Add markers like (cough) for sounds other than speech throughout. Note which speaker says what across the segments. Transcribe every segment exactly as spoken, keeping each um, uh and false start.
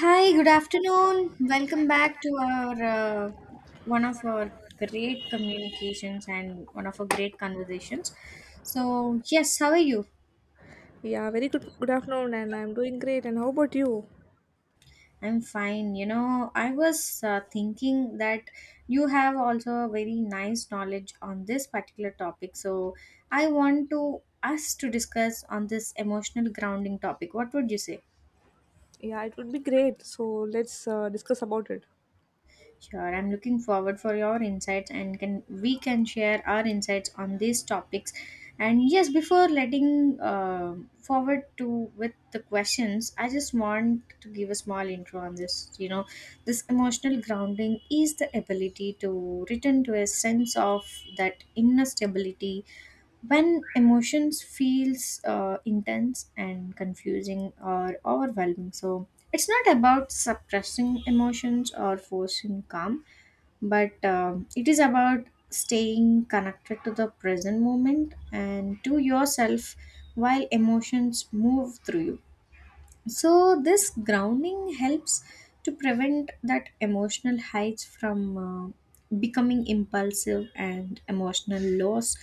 Speaker 1: Hi, good afternoon. Welcome back to our uh, one of our great communications and one of our great conversations. So, yes, how are you?
Speaker 2: Yeah, very good. Good afternoon, and I'm doing great. And how about you?
Speaker 1: I'm fine. You know, I was uh, thinking that you have also a very nice knowledge on this particular topic. So, I want to us to discuss on this emotional grounding topic. What would you say?
Speaker 2: Yeah, it would be great. So let's uh, discuss about it.
Speaker 1: Sure, I'm looking forward for your insights and can we can share our insights on these topics. And yes, before letting uh, forward to with the questions, I just want to give a small intro on this. You know, this emotional grounding is the ability to return to a sense of that inner stability when emotions feels uh, intense and confusing or overwhelming. So it's not about suppressing emotions or forcing calm, but um it is about staying connected to the present moment and to yourself while emotions move through you. So this grounding helps to prevent that emotional heights from uh, becoming impulsive, and emotional loss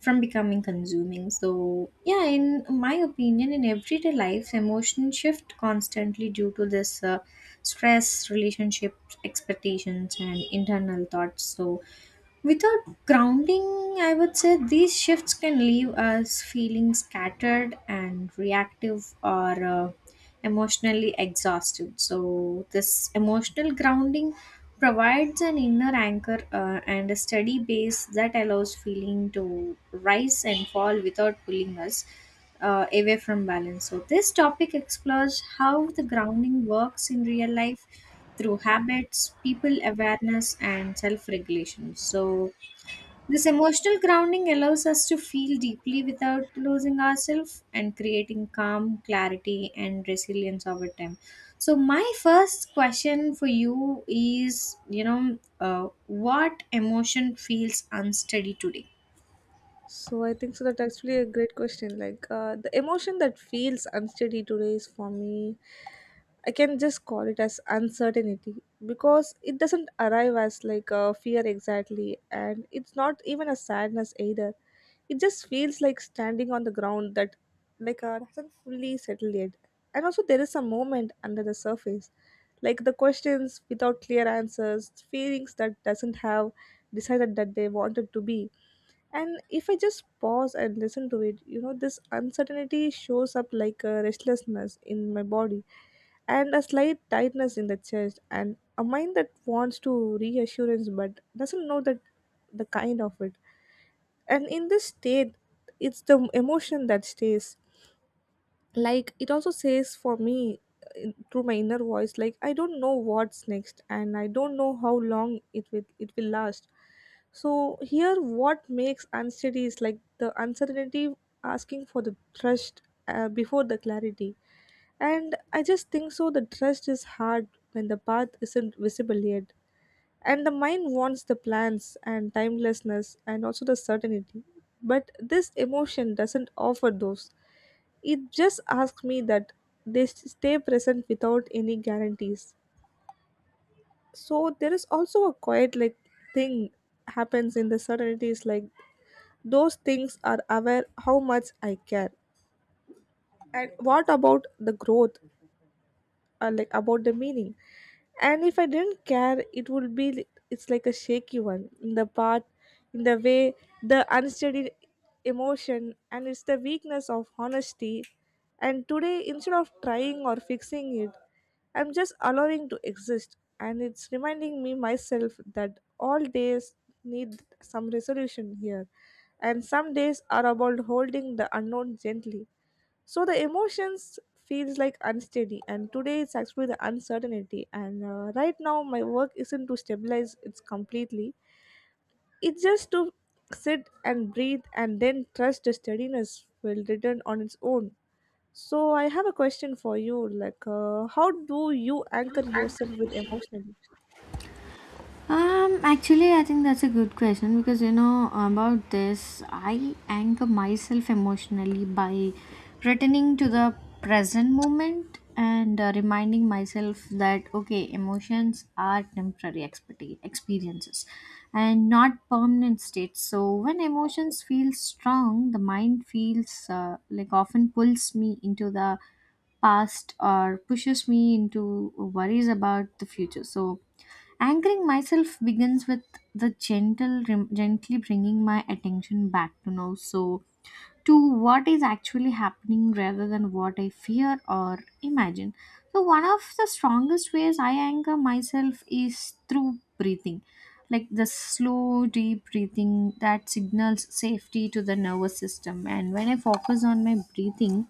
Speaker 1: from becoming consuming. So yeah, in my opinion, in everyday life, emotions shift constantly due to this uh, stress, relationships, expectations, and internal thoughts. So without grounding, I would say these shifts can leave us feeling scattered and reactive, or uh, emotionally exhausted. So this emotional grounding provides an inner anchor uh, and a steady base that allows feeling to rise and fall without pulling us uh, away from balance. So this topic explores how the grounding works in real life through habits, people awareness, and self regulation. So this emotional grounding allows us to feel deeply without losing ourselves, and creating calm, clarity, and resilience over time. So my first question for you is you know, uh, what emotion feels unsteady today?
Speaker 2: So I think so that actually a great question. Like uh, the emotion that feels unsteady today is for me, I can just call it as uncertainty because it doesn't arrive as like a fear exactly, and it's not even a sadness either. It just feels like standing on the ground that like uh, hasn't fully settled yet, and also there is a moment under the surface, like the questions without clear answers, feelings that doesn't have decided that they wanted to be, and if I just pause and listen to it, you know, this uncertainty shows up like a restlessness in my body and a slight tightness in the chest and a mind that wants to reassurance but doesn't know that the kind of it. And in this state, it's the emotion that stays, like it also says for me uh, through my inner voice, like I don't know what's next and I don't know how long it will it will last. So here what makes unsteady is like the uncertainty asking for the trust uh, before the clarity. And I just think so the trust is hard when the path isn't visible yet, and the mind wants the plans and timelessness and also the certainty, but this emotion doesn't offer those. It just asks me that they s- stay present without any guarantees. So there is also a quiet like thing happens in the certainties, like those things are aware how much I care. And what about the growth? Uh, like about the meaning, and if I didn't care it would be li- it's like a shaky one in the part, in the way, the unsteady emotion, and it's the weakness of honesty. And today, instead of trying or fixing it, I'm just allowing to exist, and it's reminding me myself that all days need some resolution here, and some days are about holding the unknown gently. So the emotions feels like unsteady, and today it's actually the uncertainty. And uh, right now my work isn't to stabilize it's completely, it's just to sit and breathe and then trust the steadiness will return on its own. So I have a question for you, like uh, how do you anchor yourself with emotionally?
Speaker 1: Um, actually, I think that's a good question because you know about this. I anchor myself emotionally by returning to the present moment and uh, reminding myself that okay, emotions are temporary expect- experiences and not permanent states. So when emotions feel strong, the mind feels uh, like often pulls me into the past or pushes me into worries about the future. So anchoring myself begins with the gentle, rem- gently bringing my attention back to now. So to what is actually happening rather than what I fear or imagine. So one of the strongest ways I anchor myself is through breathing, like the slow, deep breathing that signals safety to the nervous system. And when I focus on my breathing,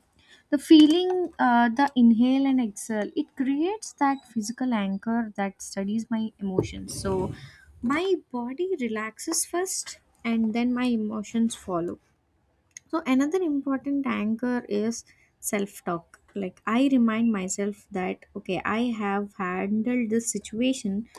Speaker 1: the feeling, uh, the inhale and exhale, it creates that physical anchor that studies my emotions. So my body relaxes first, and then my emotions follow. So another important anchor is self talk. Like I remind myself that okay, I have handled this situation,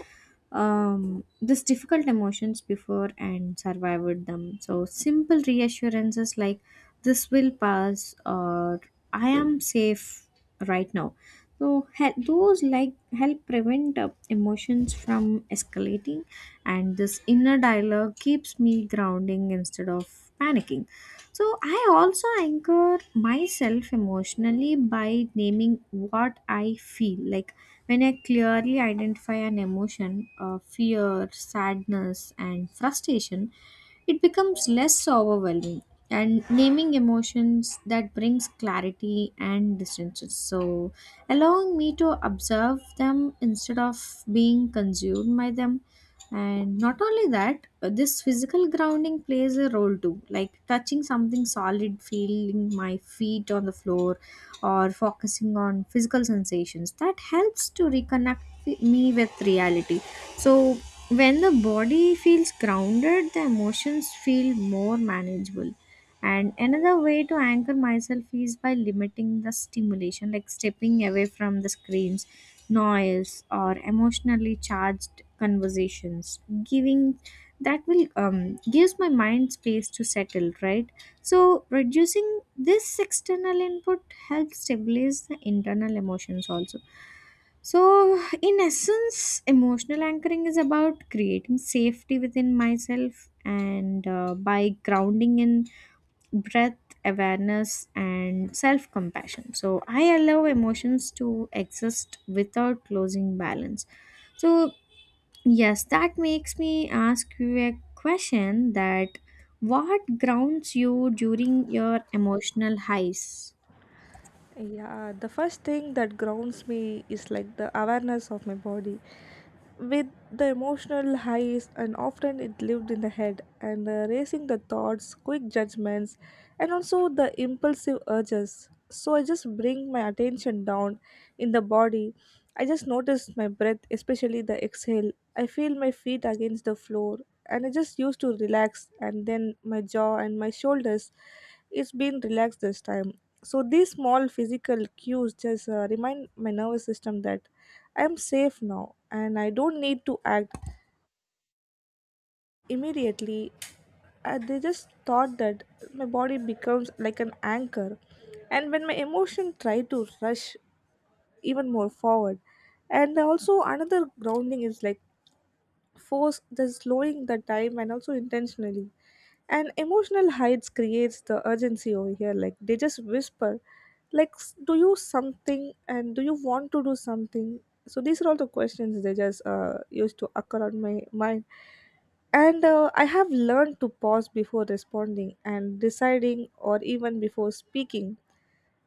Speaker 1: um, this difficult emotions before and survived them. So simple reassurances like "this will pass" or "I am safe right now." So he- those like help prevent uh, emotions from escalating, and this inner dialogue keeps me grounding instead of panicking. So I also anchor myself emotionally by naming what I feel. Like when I clearly identify an emotion, uh, fear, sadness, and frustration, it becomes less overwhelming. And naming emotions that brings clarity and distances. So allowing me to observe them instead of being consumed by them. And not only that, uh, this physical grounding plays a role too, like touching something solid, feeling my feet on the floor, or focusing on physical sensations that helps to reconnect wi- me with reality. So when the body feels grounded, the emotions feel more manageable. And another way to anchor myself is by limiting the stimulation, like stepping away from the screens, noise, or emotionally charged conversations. Giving that will um, Gives my mind space to settle, right? So reducing this external input helps stabilize the internal emotions also. So in essence, emotional anchoring is about creating safety within myself, and uh, by grounding in breath, awareness, and self compassion. So I allow emotions to exist without losing balance. So yes, that makes me ask you a question that what grounds you during your emotional highs?
Speaker 2: Yeah, the first thing that grounds me is like the awareness of my body. With the emotional highs, and often it lived in the head, and uh, racing the thoughts, quick judgments, and also the impulsive urges. So I just bring my attention down in the body. I just notice my breath, especially the exhale. I feel my feet against the floor, and I just used to relax, and then my jaw and my shoulders. It's been relaxed this time, so these small physical cues just uh, remind my nervous system that I am safe now and I don't need to act immediately. Uh, they just thought that my body becomes like an anchor and when my emotion try to rush even more forward. And also another grounding is like force the slowing the time and also intentionally, and emotional heights creates the urgency over here, like they just whisper like s- do you something and do you want to do something. So these are all the questions they just uh, used to occur on my mind. And uh, I have learned to pause before responding and deciding or even before speaking,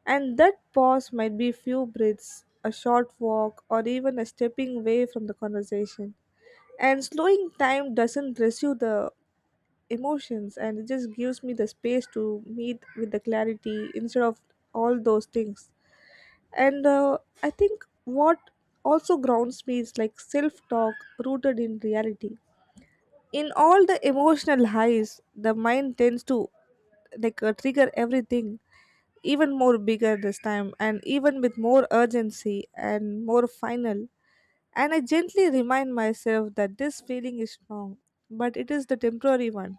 Speaker 2: and that pause might be few breaths, a short walk, or even a stepping away from the conversation. And slowing time doesn't rescue the emotions, and it just gives me the space to meet with the clarity instead of all those things. And uh, I think what also grounds me is like self talk rooted in reality. In all the emotional highs, the mind tends to like uh, trigger everything even more bigger this time and even with more urgency and more final. And I gently remind myself that this feeling is strong, but it is the temporary one.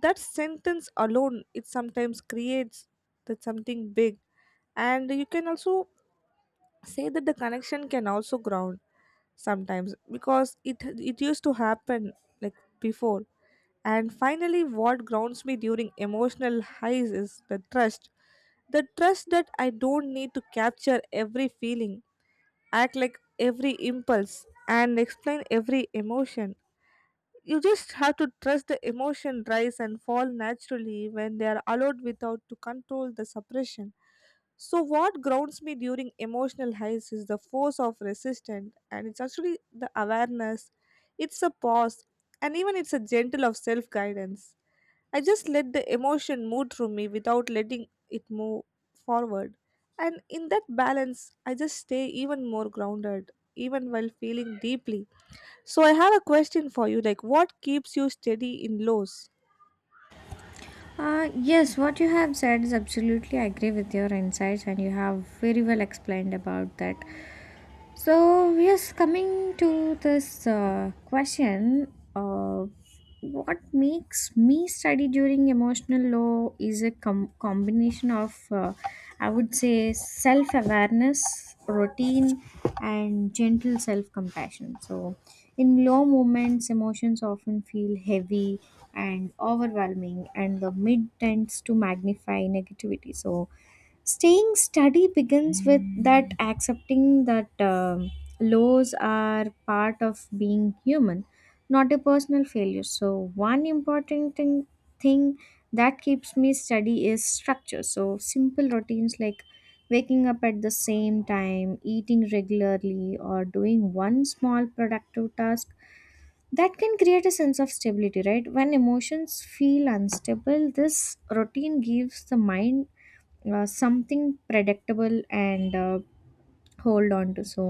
Speaker 2: That sentence alone it sometimes creates that something big. And you can also say that the connection can also ground sometimes because it it used to happen like before. And finally, what grounds me during emotional highs is the trust, the trust that I don't need to capture every feeling, act like every impulse, and explain every emotion. You just have to trust the emotion rise and fall naturally when they are allowed without to control the suppression. So, what grounds me during emotional highs is the force of resistance, and it's actually the awareness, it's a pause, and even it's a gentle of self guidance. I just let the emotion move through me without letting it move forward. And in that balance, I just stay even more grounded, even while feeling deeply. So, I have a question for you, like what keeps you steady in lows?
Speaker 1: Uh, yes, what you have said is absolutely I agree with your insights, and you have very well explained about that. So yes, coming to this uh, question uh, what makes me study during emotional low is a com- combination of, uh, I would say, self awareness, routine, and gentle self compassion. So in low moments, emotions often feel heavy and overwhelming, and the mid tends to magnify negativity. So staying steady begins with that accepting that um lows are part of being human, not a personal failure. So one important thing, thing that keeps me steady is structure. So simple routines like waking up at the same time, eating regularly, or doing one small productive task, that can create a sense of stability. Right, when emotions feel unstable, this routine gives the mind uh, something predictable and uh, hold on to. So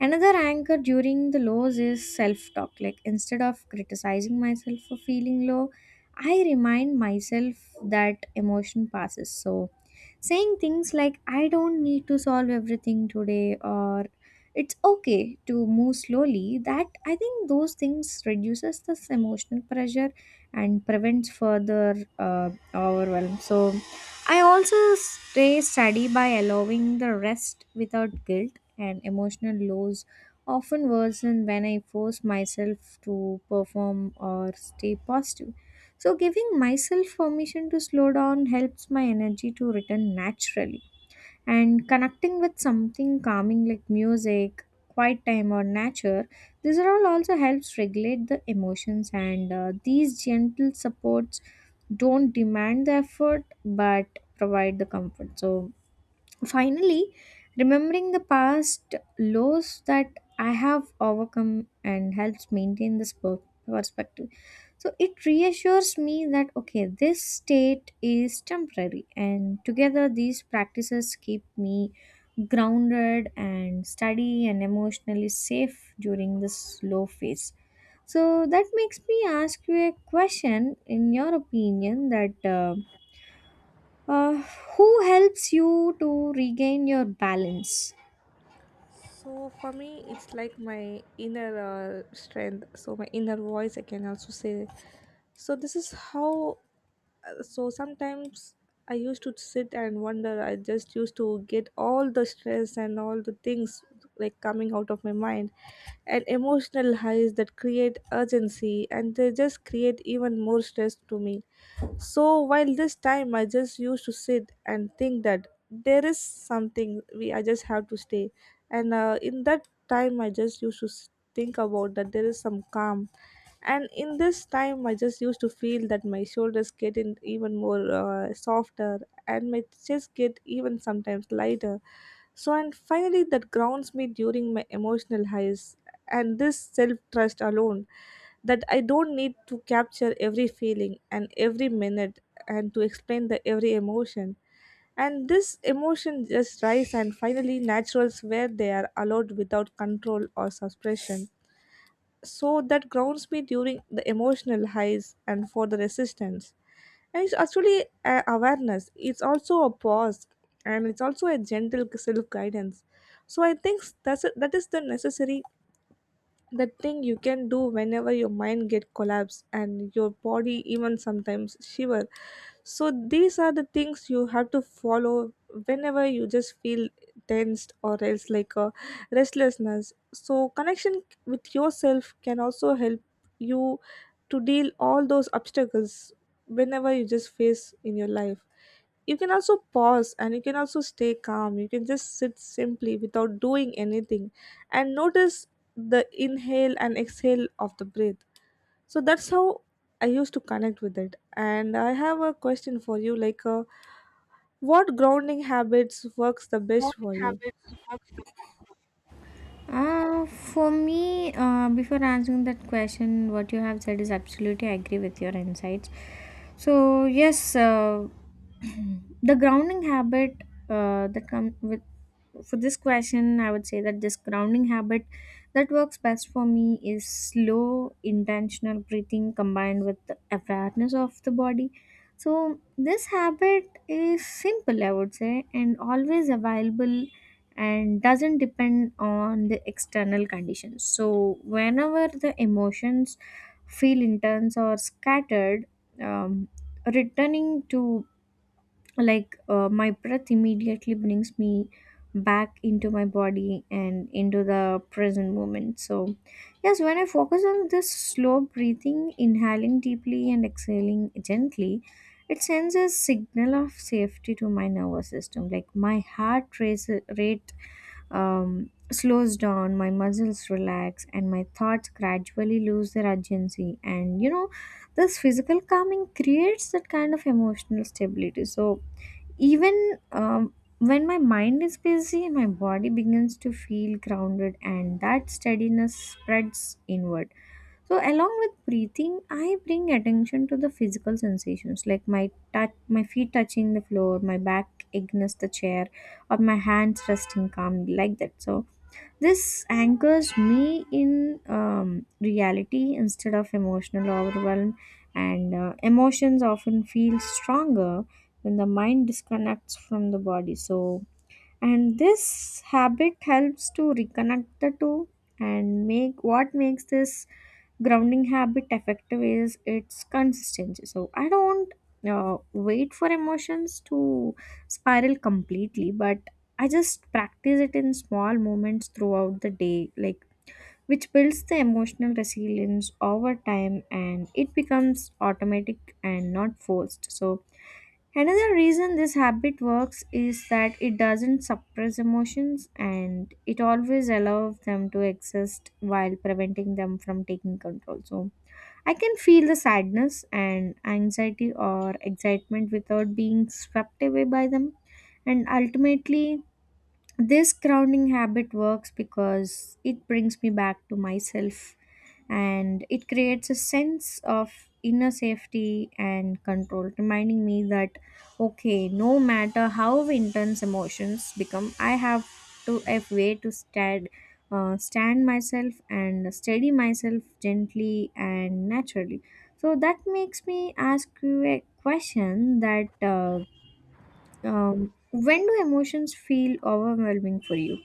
Speaker 1: another anchor during the lows is self talk, like instead of criticizing myself for feeling low, I remind myself that emotion passes. So saying things like "I don't need to solve everything today" or "it's okay to move slowly," that I think those things reduces this emotional pressure and prevents further uh, overwhelm. So I also stay steady by allowing the rest without guilt, and emotional lows often worsen when I force myself to perform or stay positive. So giving myself permission to slow down helps my energy to return naturally. And connecting with something calming like music, quiet time, or nature, these are all also helps regulate the emotions. And uh, these gentle supports don't demand the effort but provide the comfort. So finally, remembering the past lows that I have overcome and helps maintain this per- perspective. So it reassures me that okay, this state is temporary, and together these practices keep me grounded and steady and emotionally safe during this low phase. So that makes me ask you a question in your opinion that. Uh, uh, who helps you to regain your balance?
Speaker 2: So for me, it's like my inner uh, strength. So my inner voice, I can also say. So this is how. uh, So sometimes I used to sit and wonder. I just used to get all the stress and all the things like coming out of my mind, and emotional highs that create urgency and they just create even more stress to me. So while this time I just used to sit and think that there is something we I just have to stay, and uh, in that time I just used to s- think about that there is some calm, and in this time I just used to feel that my shoulders getting even more uh, softer and my chest get even sometimes lighter. So, and finally, that grounds me during my emotional highs, and this self trust alone that I don't need to capture every feeling and every minute and to explain the every emotion. And this emotion just rise and finally naturals where they are allowed without control or suppression. So that grounds me during the emotional highs and for the resistance. And it's actually a awareness. It's also a pause, and it's also a gentle self guidance. So I think that's a, that is the necessary the thing you can do whenever your mind get collapse and your body even sometimes shiver. So these are the things you have to follow whenever you just feel tensed or else like a restlessness. So connection with yourself can also help you to deal all those obstacles whenever you just face in your life. You can also pause and you can also stay calm. You can just sit simply without doing anything and notice the inhale and exhale of the breath. So that's how I used to connect with it. And I have a question for you, like uh, what grounding habits works the best for you?
Speaker 1: Uh, for me, uh, before answering that question, what you have said is absolutely I agree with your insights. So yes, uh, (clears throat) the grounding habit uh, that comes with for this question, I would say that this grounding habit that works best for me is slow, intentional breathing combined with the awareness of the body. So this habit is simple, I would say, and always available, and doesn't depend on the external conditions. So whenever the emotions feel intense or scattered, um, returning to like uh, my breath immediately brings me back into my body and into the present moment. So yes, when I focus on this slow breathing, inhaling deeply and exhaling gently, it sends a signal of safety to my nervous system, like my heart race, rate um, slows down, my muscles relax, and my thoughts gradually lose their urgency. And you know, this physical calming creates that kind of emotional stability. So even um, when my mind is busy, my body begins to feel grounded, and that steadiness spreads inward. So along with breathing, I bring attention to the physical sensations, like my touch, my feet touching the floor, my back against the chair, or my hands resting calmly, like that. So this anchors me in um, reality instead of emotional overwhelm, and uh, emotions often feel stronger when the mind disconnects from the body. So and this habit helps to reconnect the two. And make what makes this grounding habit effective is its consistency. So I don't uh, wait for emotions to spiral completely, but I just practice it in small moments throughout the day, like which builds the emotional resilience over time, and it becomes automatic and not forced. So another reason this habit works is that it doesn't suppress emotions, and it always allows them to exist while preventing them from taking control. So I can feel the sadness and anxiety or excitement without being swept away by them. And ultimately this grounding habit works because it brings me back to myself, and it creates a sense of inner safety and control, reminding me that okay, no matter how intense emotions become, I have to have way to stand, uh, stand myself and steady myself gently and naturally. So that makes me ask you a question that uh, um, when do emotions feel overwhelming for you?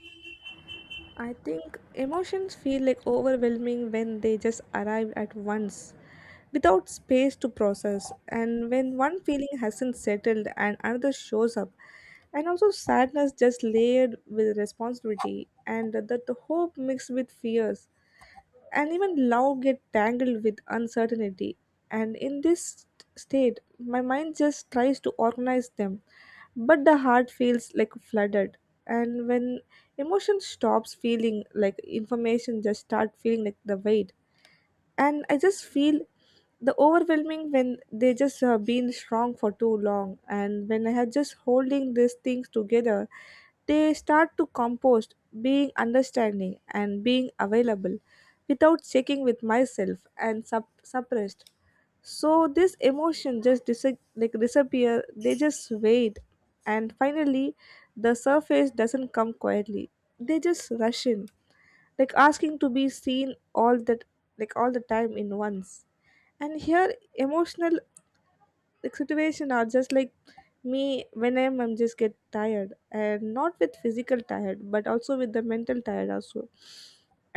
Speaker 2: I think emotions feel like overwhelming when they just arrive at once without space to process, and when one feeling hasn't settled and another shows up, and also sadness just layered with responsibility, and that the hope mixed with fears, and even love get tangled with uncertainty. And in this st- state my mind just tries to organize them, but the heart feels like flooded. And when emotion stops feeling like information just start feeling like the weight, and I just feel the overwhelming when they just have been strong for too long and when I have just holding these things together, they start to compost being understanding and being available without checking with myself and sup- suppressed. So this emotion just dis- like disappear, they just wait. And finally the surface doesn't come quietly, they just rush in, like asking to be seen all that, like all the time in once. And here emotional like, situation are just like me when i'm i'm just get tired, and not with physical tired but also with the mental tired also.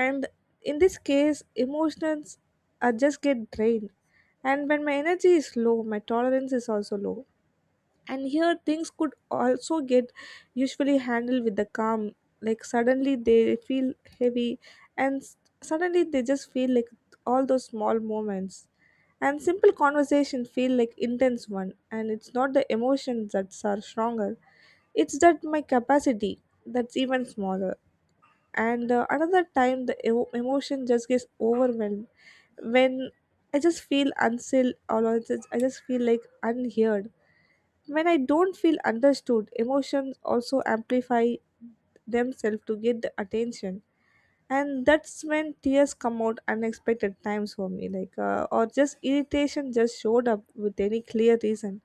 Speaker 2: And in this case emotions are just get drained, and when my energy is low my tolerance is also low. And here things could also get usually handled with the calm, like suddenly they feel heavy, and s- suddenly they just feel like all those small moments and simple conversation feel like intense one, and it's not the emotions that are stronger, it's that my capacity that's even smaller. And uh, another time the emo emotion just gets overwhelmed when I just feel unsettled or I just, I just feel like unheard. When I don't feel understood, emotions also amplify themselves to get the attention. And that's when tears come out unexpected times for me, like, uh, or just irritation just showed up with any clear reason.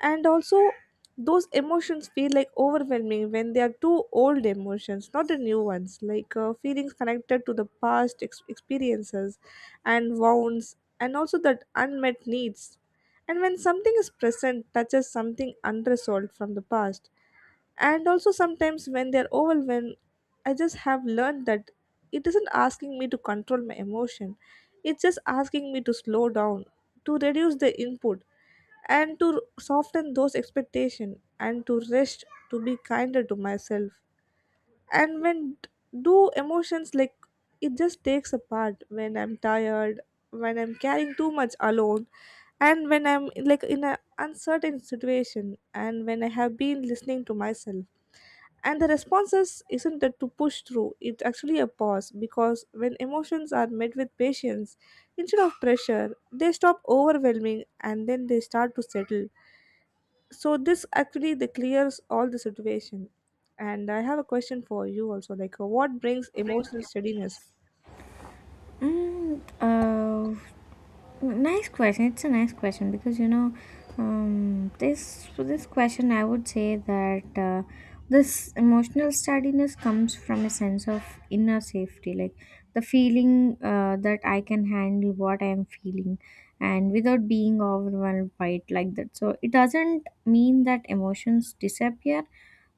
Speaker 2: And also, those emotions feel like overwhelming when they are two old emotions, not the new ones, like uh, feelings connected to the past ex- experiences and wounds, and also that unmet needs, and when something is present touches something unresolved from the past. And also, sometimes when they're overwhelmed, I just have learned that it isn't asking me to control my emotion, it's just asking me to slow down, to reduce the input, and to soften those expectations, and to rest, to be kinder to myself. And when d- do emotions like it just takes apart when I'm tired, when I'm carrying too much alone, and when I'm like in an uncertain situation, and when I have been listening to myself. And the responses isn't that to push through, it's actually a pause, because when emotions are met with patience instead of pressure, they stop overwhelming and then they start to settle. So this actually the clears all the situation. And I have a question for you also, like uh, what brings emotional steadiness?
Speaker 1: Mm, uh, Nice question. It's a nice question because you know, um, this for this question, I would say that uh, this emotional steadiness comes from a sense of inner safety, like the feeling uh, that I can handle what I am feeling, and without being overwhelmed by it like that. So it doesn't mean that emotions disappear,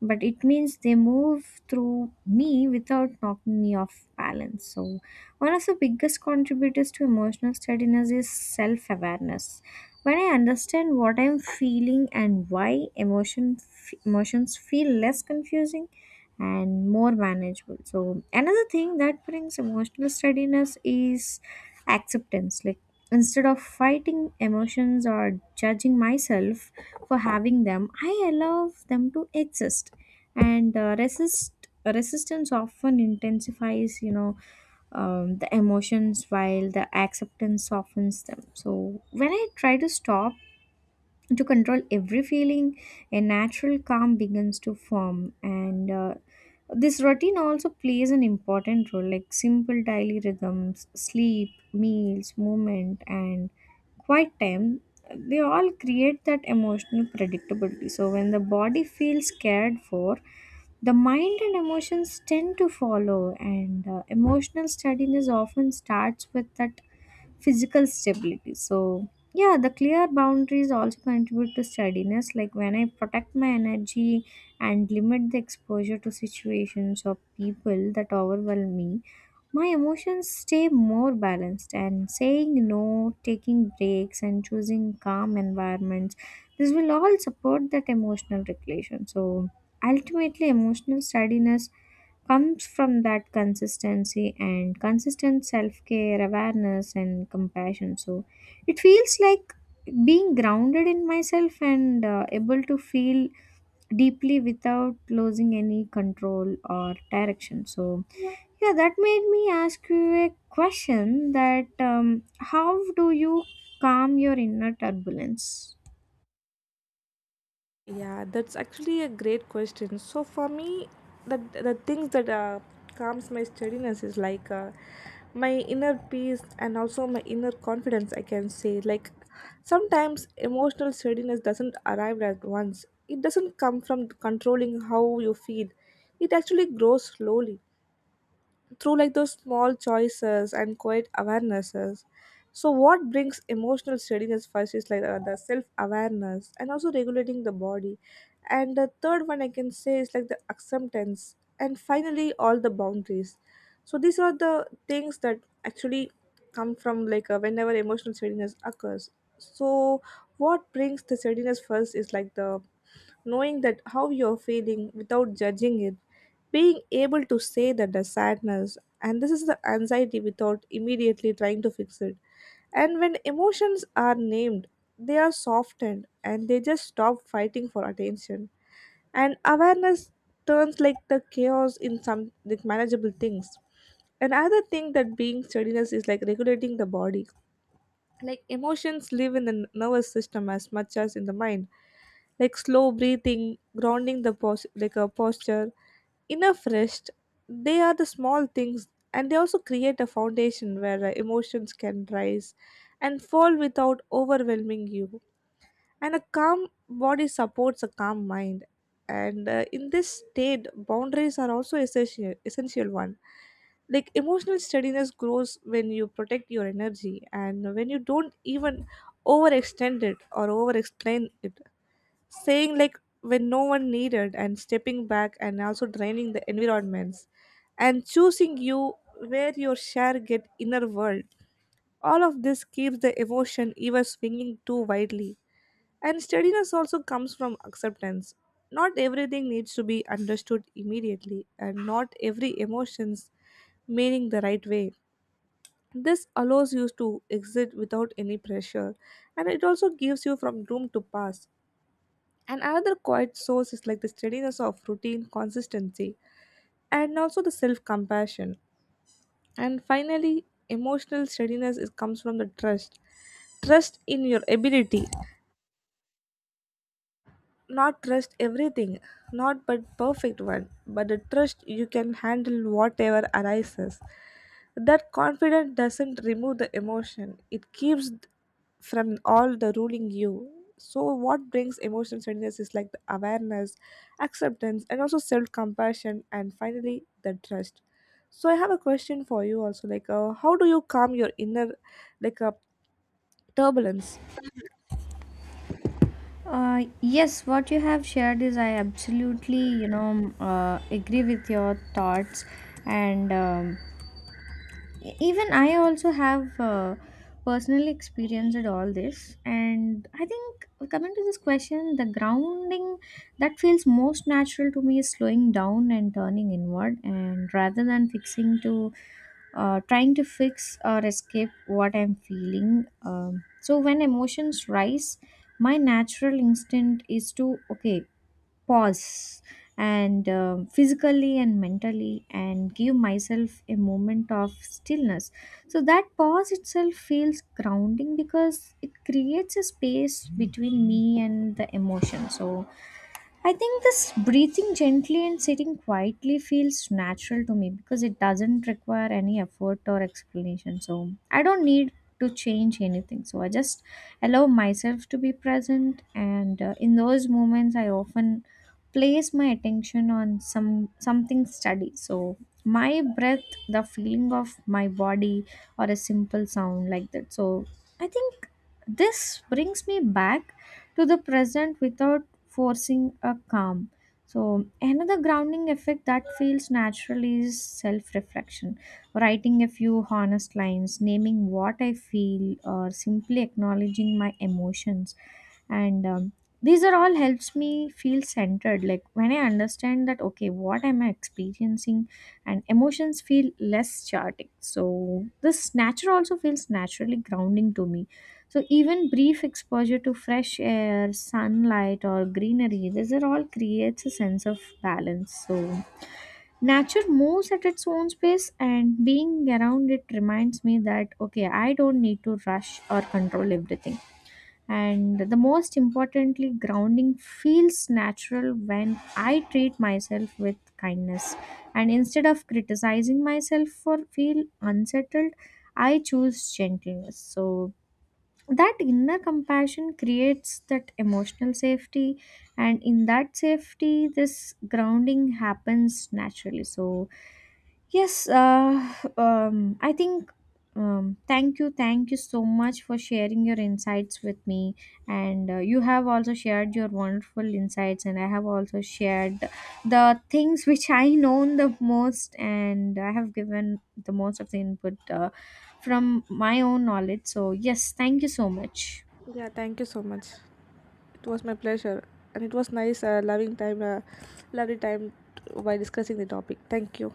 Speaker 1: but it means they move through me without knocking me off balance. So one of the biggest contributors to emotional steadiness is self awareness. When I understand what I'm feeling and why emotion, f- emotions feel less confusing and more manageable. So another thing that brings emotional steadiness is acceptance. Like, instead of fighting emotions or judging myself for having them, I allow them to exist. And uh, resist Resistance often intensifies, you know, um, the emotions, while the acceptance softens them. So when I try to stop to control every feeling, a natural calm begins to form. And uh, This routine also plays an important role, like simple daily rhythms: sleep, meals, movement, and quiet time. They all create that emotional predictability. So when the body feels cared for, the mind and emotions tend to follow, and uh, emotional steadiness often starts with that physical stability. So, yeah, the clear boundaries also contribute to steadiness. Like when I protect my energy and limit the exposure to situations or people that overwhelm me, my emotions stay more balanced. And saying no, taking breaks, and choosing calm environments, this will all support that emotional regulation. So ultimately, emotional steadiness comes from that consistency and consistent self-care, awareness, and compassion. So it feels like being grounded in myself and uh, able to feel deeply without losing any control or direction. So yeah, that made me ask you a question that um, how do you calm your inner turbulence?
Speaker 2: Yeah, that's actually a great question. So for me, the the things that uh, calms my steadiness is like uh, my inner peace and also my inner confidence. I can say, like, sometimes emotional steadiness doesn't arrive at once. It doesn't come from controlling how you feel. It actually grows slowly through like those small choices and quiet awarenesses. So what brings emotional steadiness first is like uh, the self awareness and also regulating the body, and the third one I can say is like the acceptance, and finally all the boundaries. So these are the things that actually come from like uh, whenever emotional steadiness occurs. So what brings the steadiness first is like the knowing that how you're feeling without judging it, being able to say that the sadness and this is the anxiety without immediately trying to fix it. And when emotions are named, they are softened and they just stop fighting for attention. And awareness turns like the chaos in some like manageable things. Another thing that being steadiness is like regulating the body, like emotions live in the n- nervous system as much as in the mind, like slow breathing, grounding the pos- like a posture, enough rest. They are the small things, and they also create a foundation where uh, emotions can rise and fall without overwhelming you. And a calm body supports a calm mind. And uh, in this state boundaries are also essential essential one. Like emotional steadiness grows when you protect your energy and when you don't even overextend it or over explain it, saying like when no one needed and stepping back, and also draining the environments and choosing you, where your share get inner world. All of this keeps the emotion even swinging too widely. And steadiness also comes from acceptance. Not everything needs to be understood immediately, and not every emotion's meaning the right way. This allows you to exit without any pressure, and it also gives you from room to pass. And another quiet source is like the steadiness of routine consistency, and also the self-compassion. And finally, emotional steadiness is, comes from the trust, trust in your ability, not trust everything, not but perfect one, but the trust you can handle whatever arises. That confidence doesn't remove the emotion, it keeps th- from all the ruling you. So what brings emotional steadiness is like the awareness, acceptance and also self-compassion, and finally the trust. So I have a question for you also, like uh, how do you calm your inner like a turbulence?
Speaker 1: Uh, yes, what you have shared, is I absolutely, you know, um, uh, agree with your thoughts. And um, E- even I also have uh, personally experienced all this, and I think, coming to this question, the grounding that feels most natural to me is slowing down and turning inward, and rather than fixing to uh, trying to fix or escape what I'm feeling. Um, so when emotions rise, my natural instinct is to, okay, pause, and um physically and mentally, and give myself a moment of stillness. So that pause itself feels grounding because it creates a space between me and the emotion. So I think this breathing gently and sitting quietly feels natural to me because it doesn't require any effort or explanation. So I don't need to change anything. So I just allow myself to be present. And uh, in those moments, I often place my attention on some something steady. So my breath, the feeling of my body, or a simple sound like that. So I think this brings me back to the present without forcing a calm. So another grounding effect that feels natural is self reflection. Writing a few honest lines, naming what I feel, or simply acknowledging my emotions. And um, These are all helps me feel centered. Like when I understand that, okay, what am I experiencing, and emotions feel less chaotic. So this nature also feels naturally grounding to me. So even brief exposure to fresh air, sunlight, or greenery, these are all creates a sense of balance. So nature moves at its own pace, and being around it reminds me that, okay, I don't need to rush or control everything. And the most importantly, grounding feels natural when I treat myself with kindness. And instead of criticizing myself for feel unsettled, I choose gentleness. So that inner compassion creates that emotional safety, and in that safety this grounding happens naturally. So Yes, uh, um, I think. Um, Thank you, thank you so much for sharing your insights with me, and uh, you have also shared your wonderful insights, and I have also shared the things (laughs) which I know the most, and I have given the most of the input uh, from my own knowledge. So yes, thank you so much.
Speaker 2: Yeah, thank you so much. It was my pleasure, and it was nice, uh, loving time, uh, lovely time t- while discussing the topic. Thank you.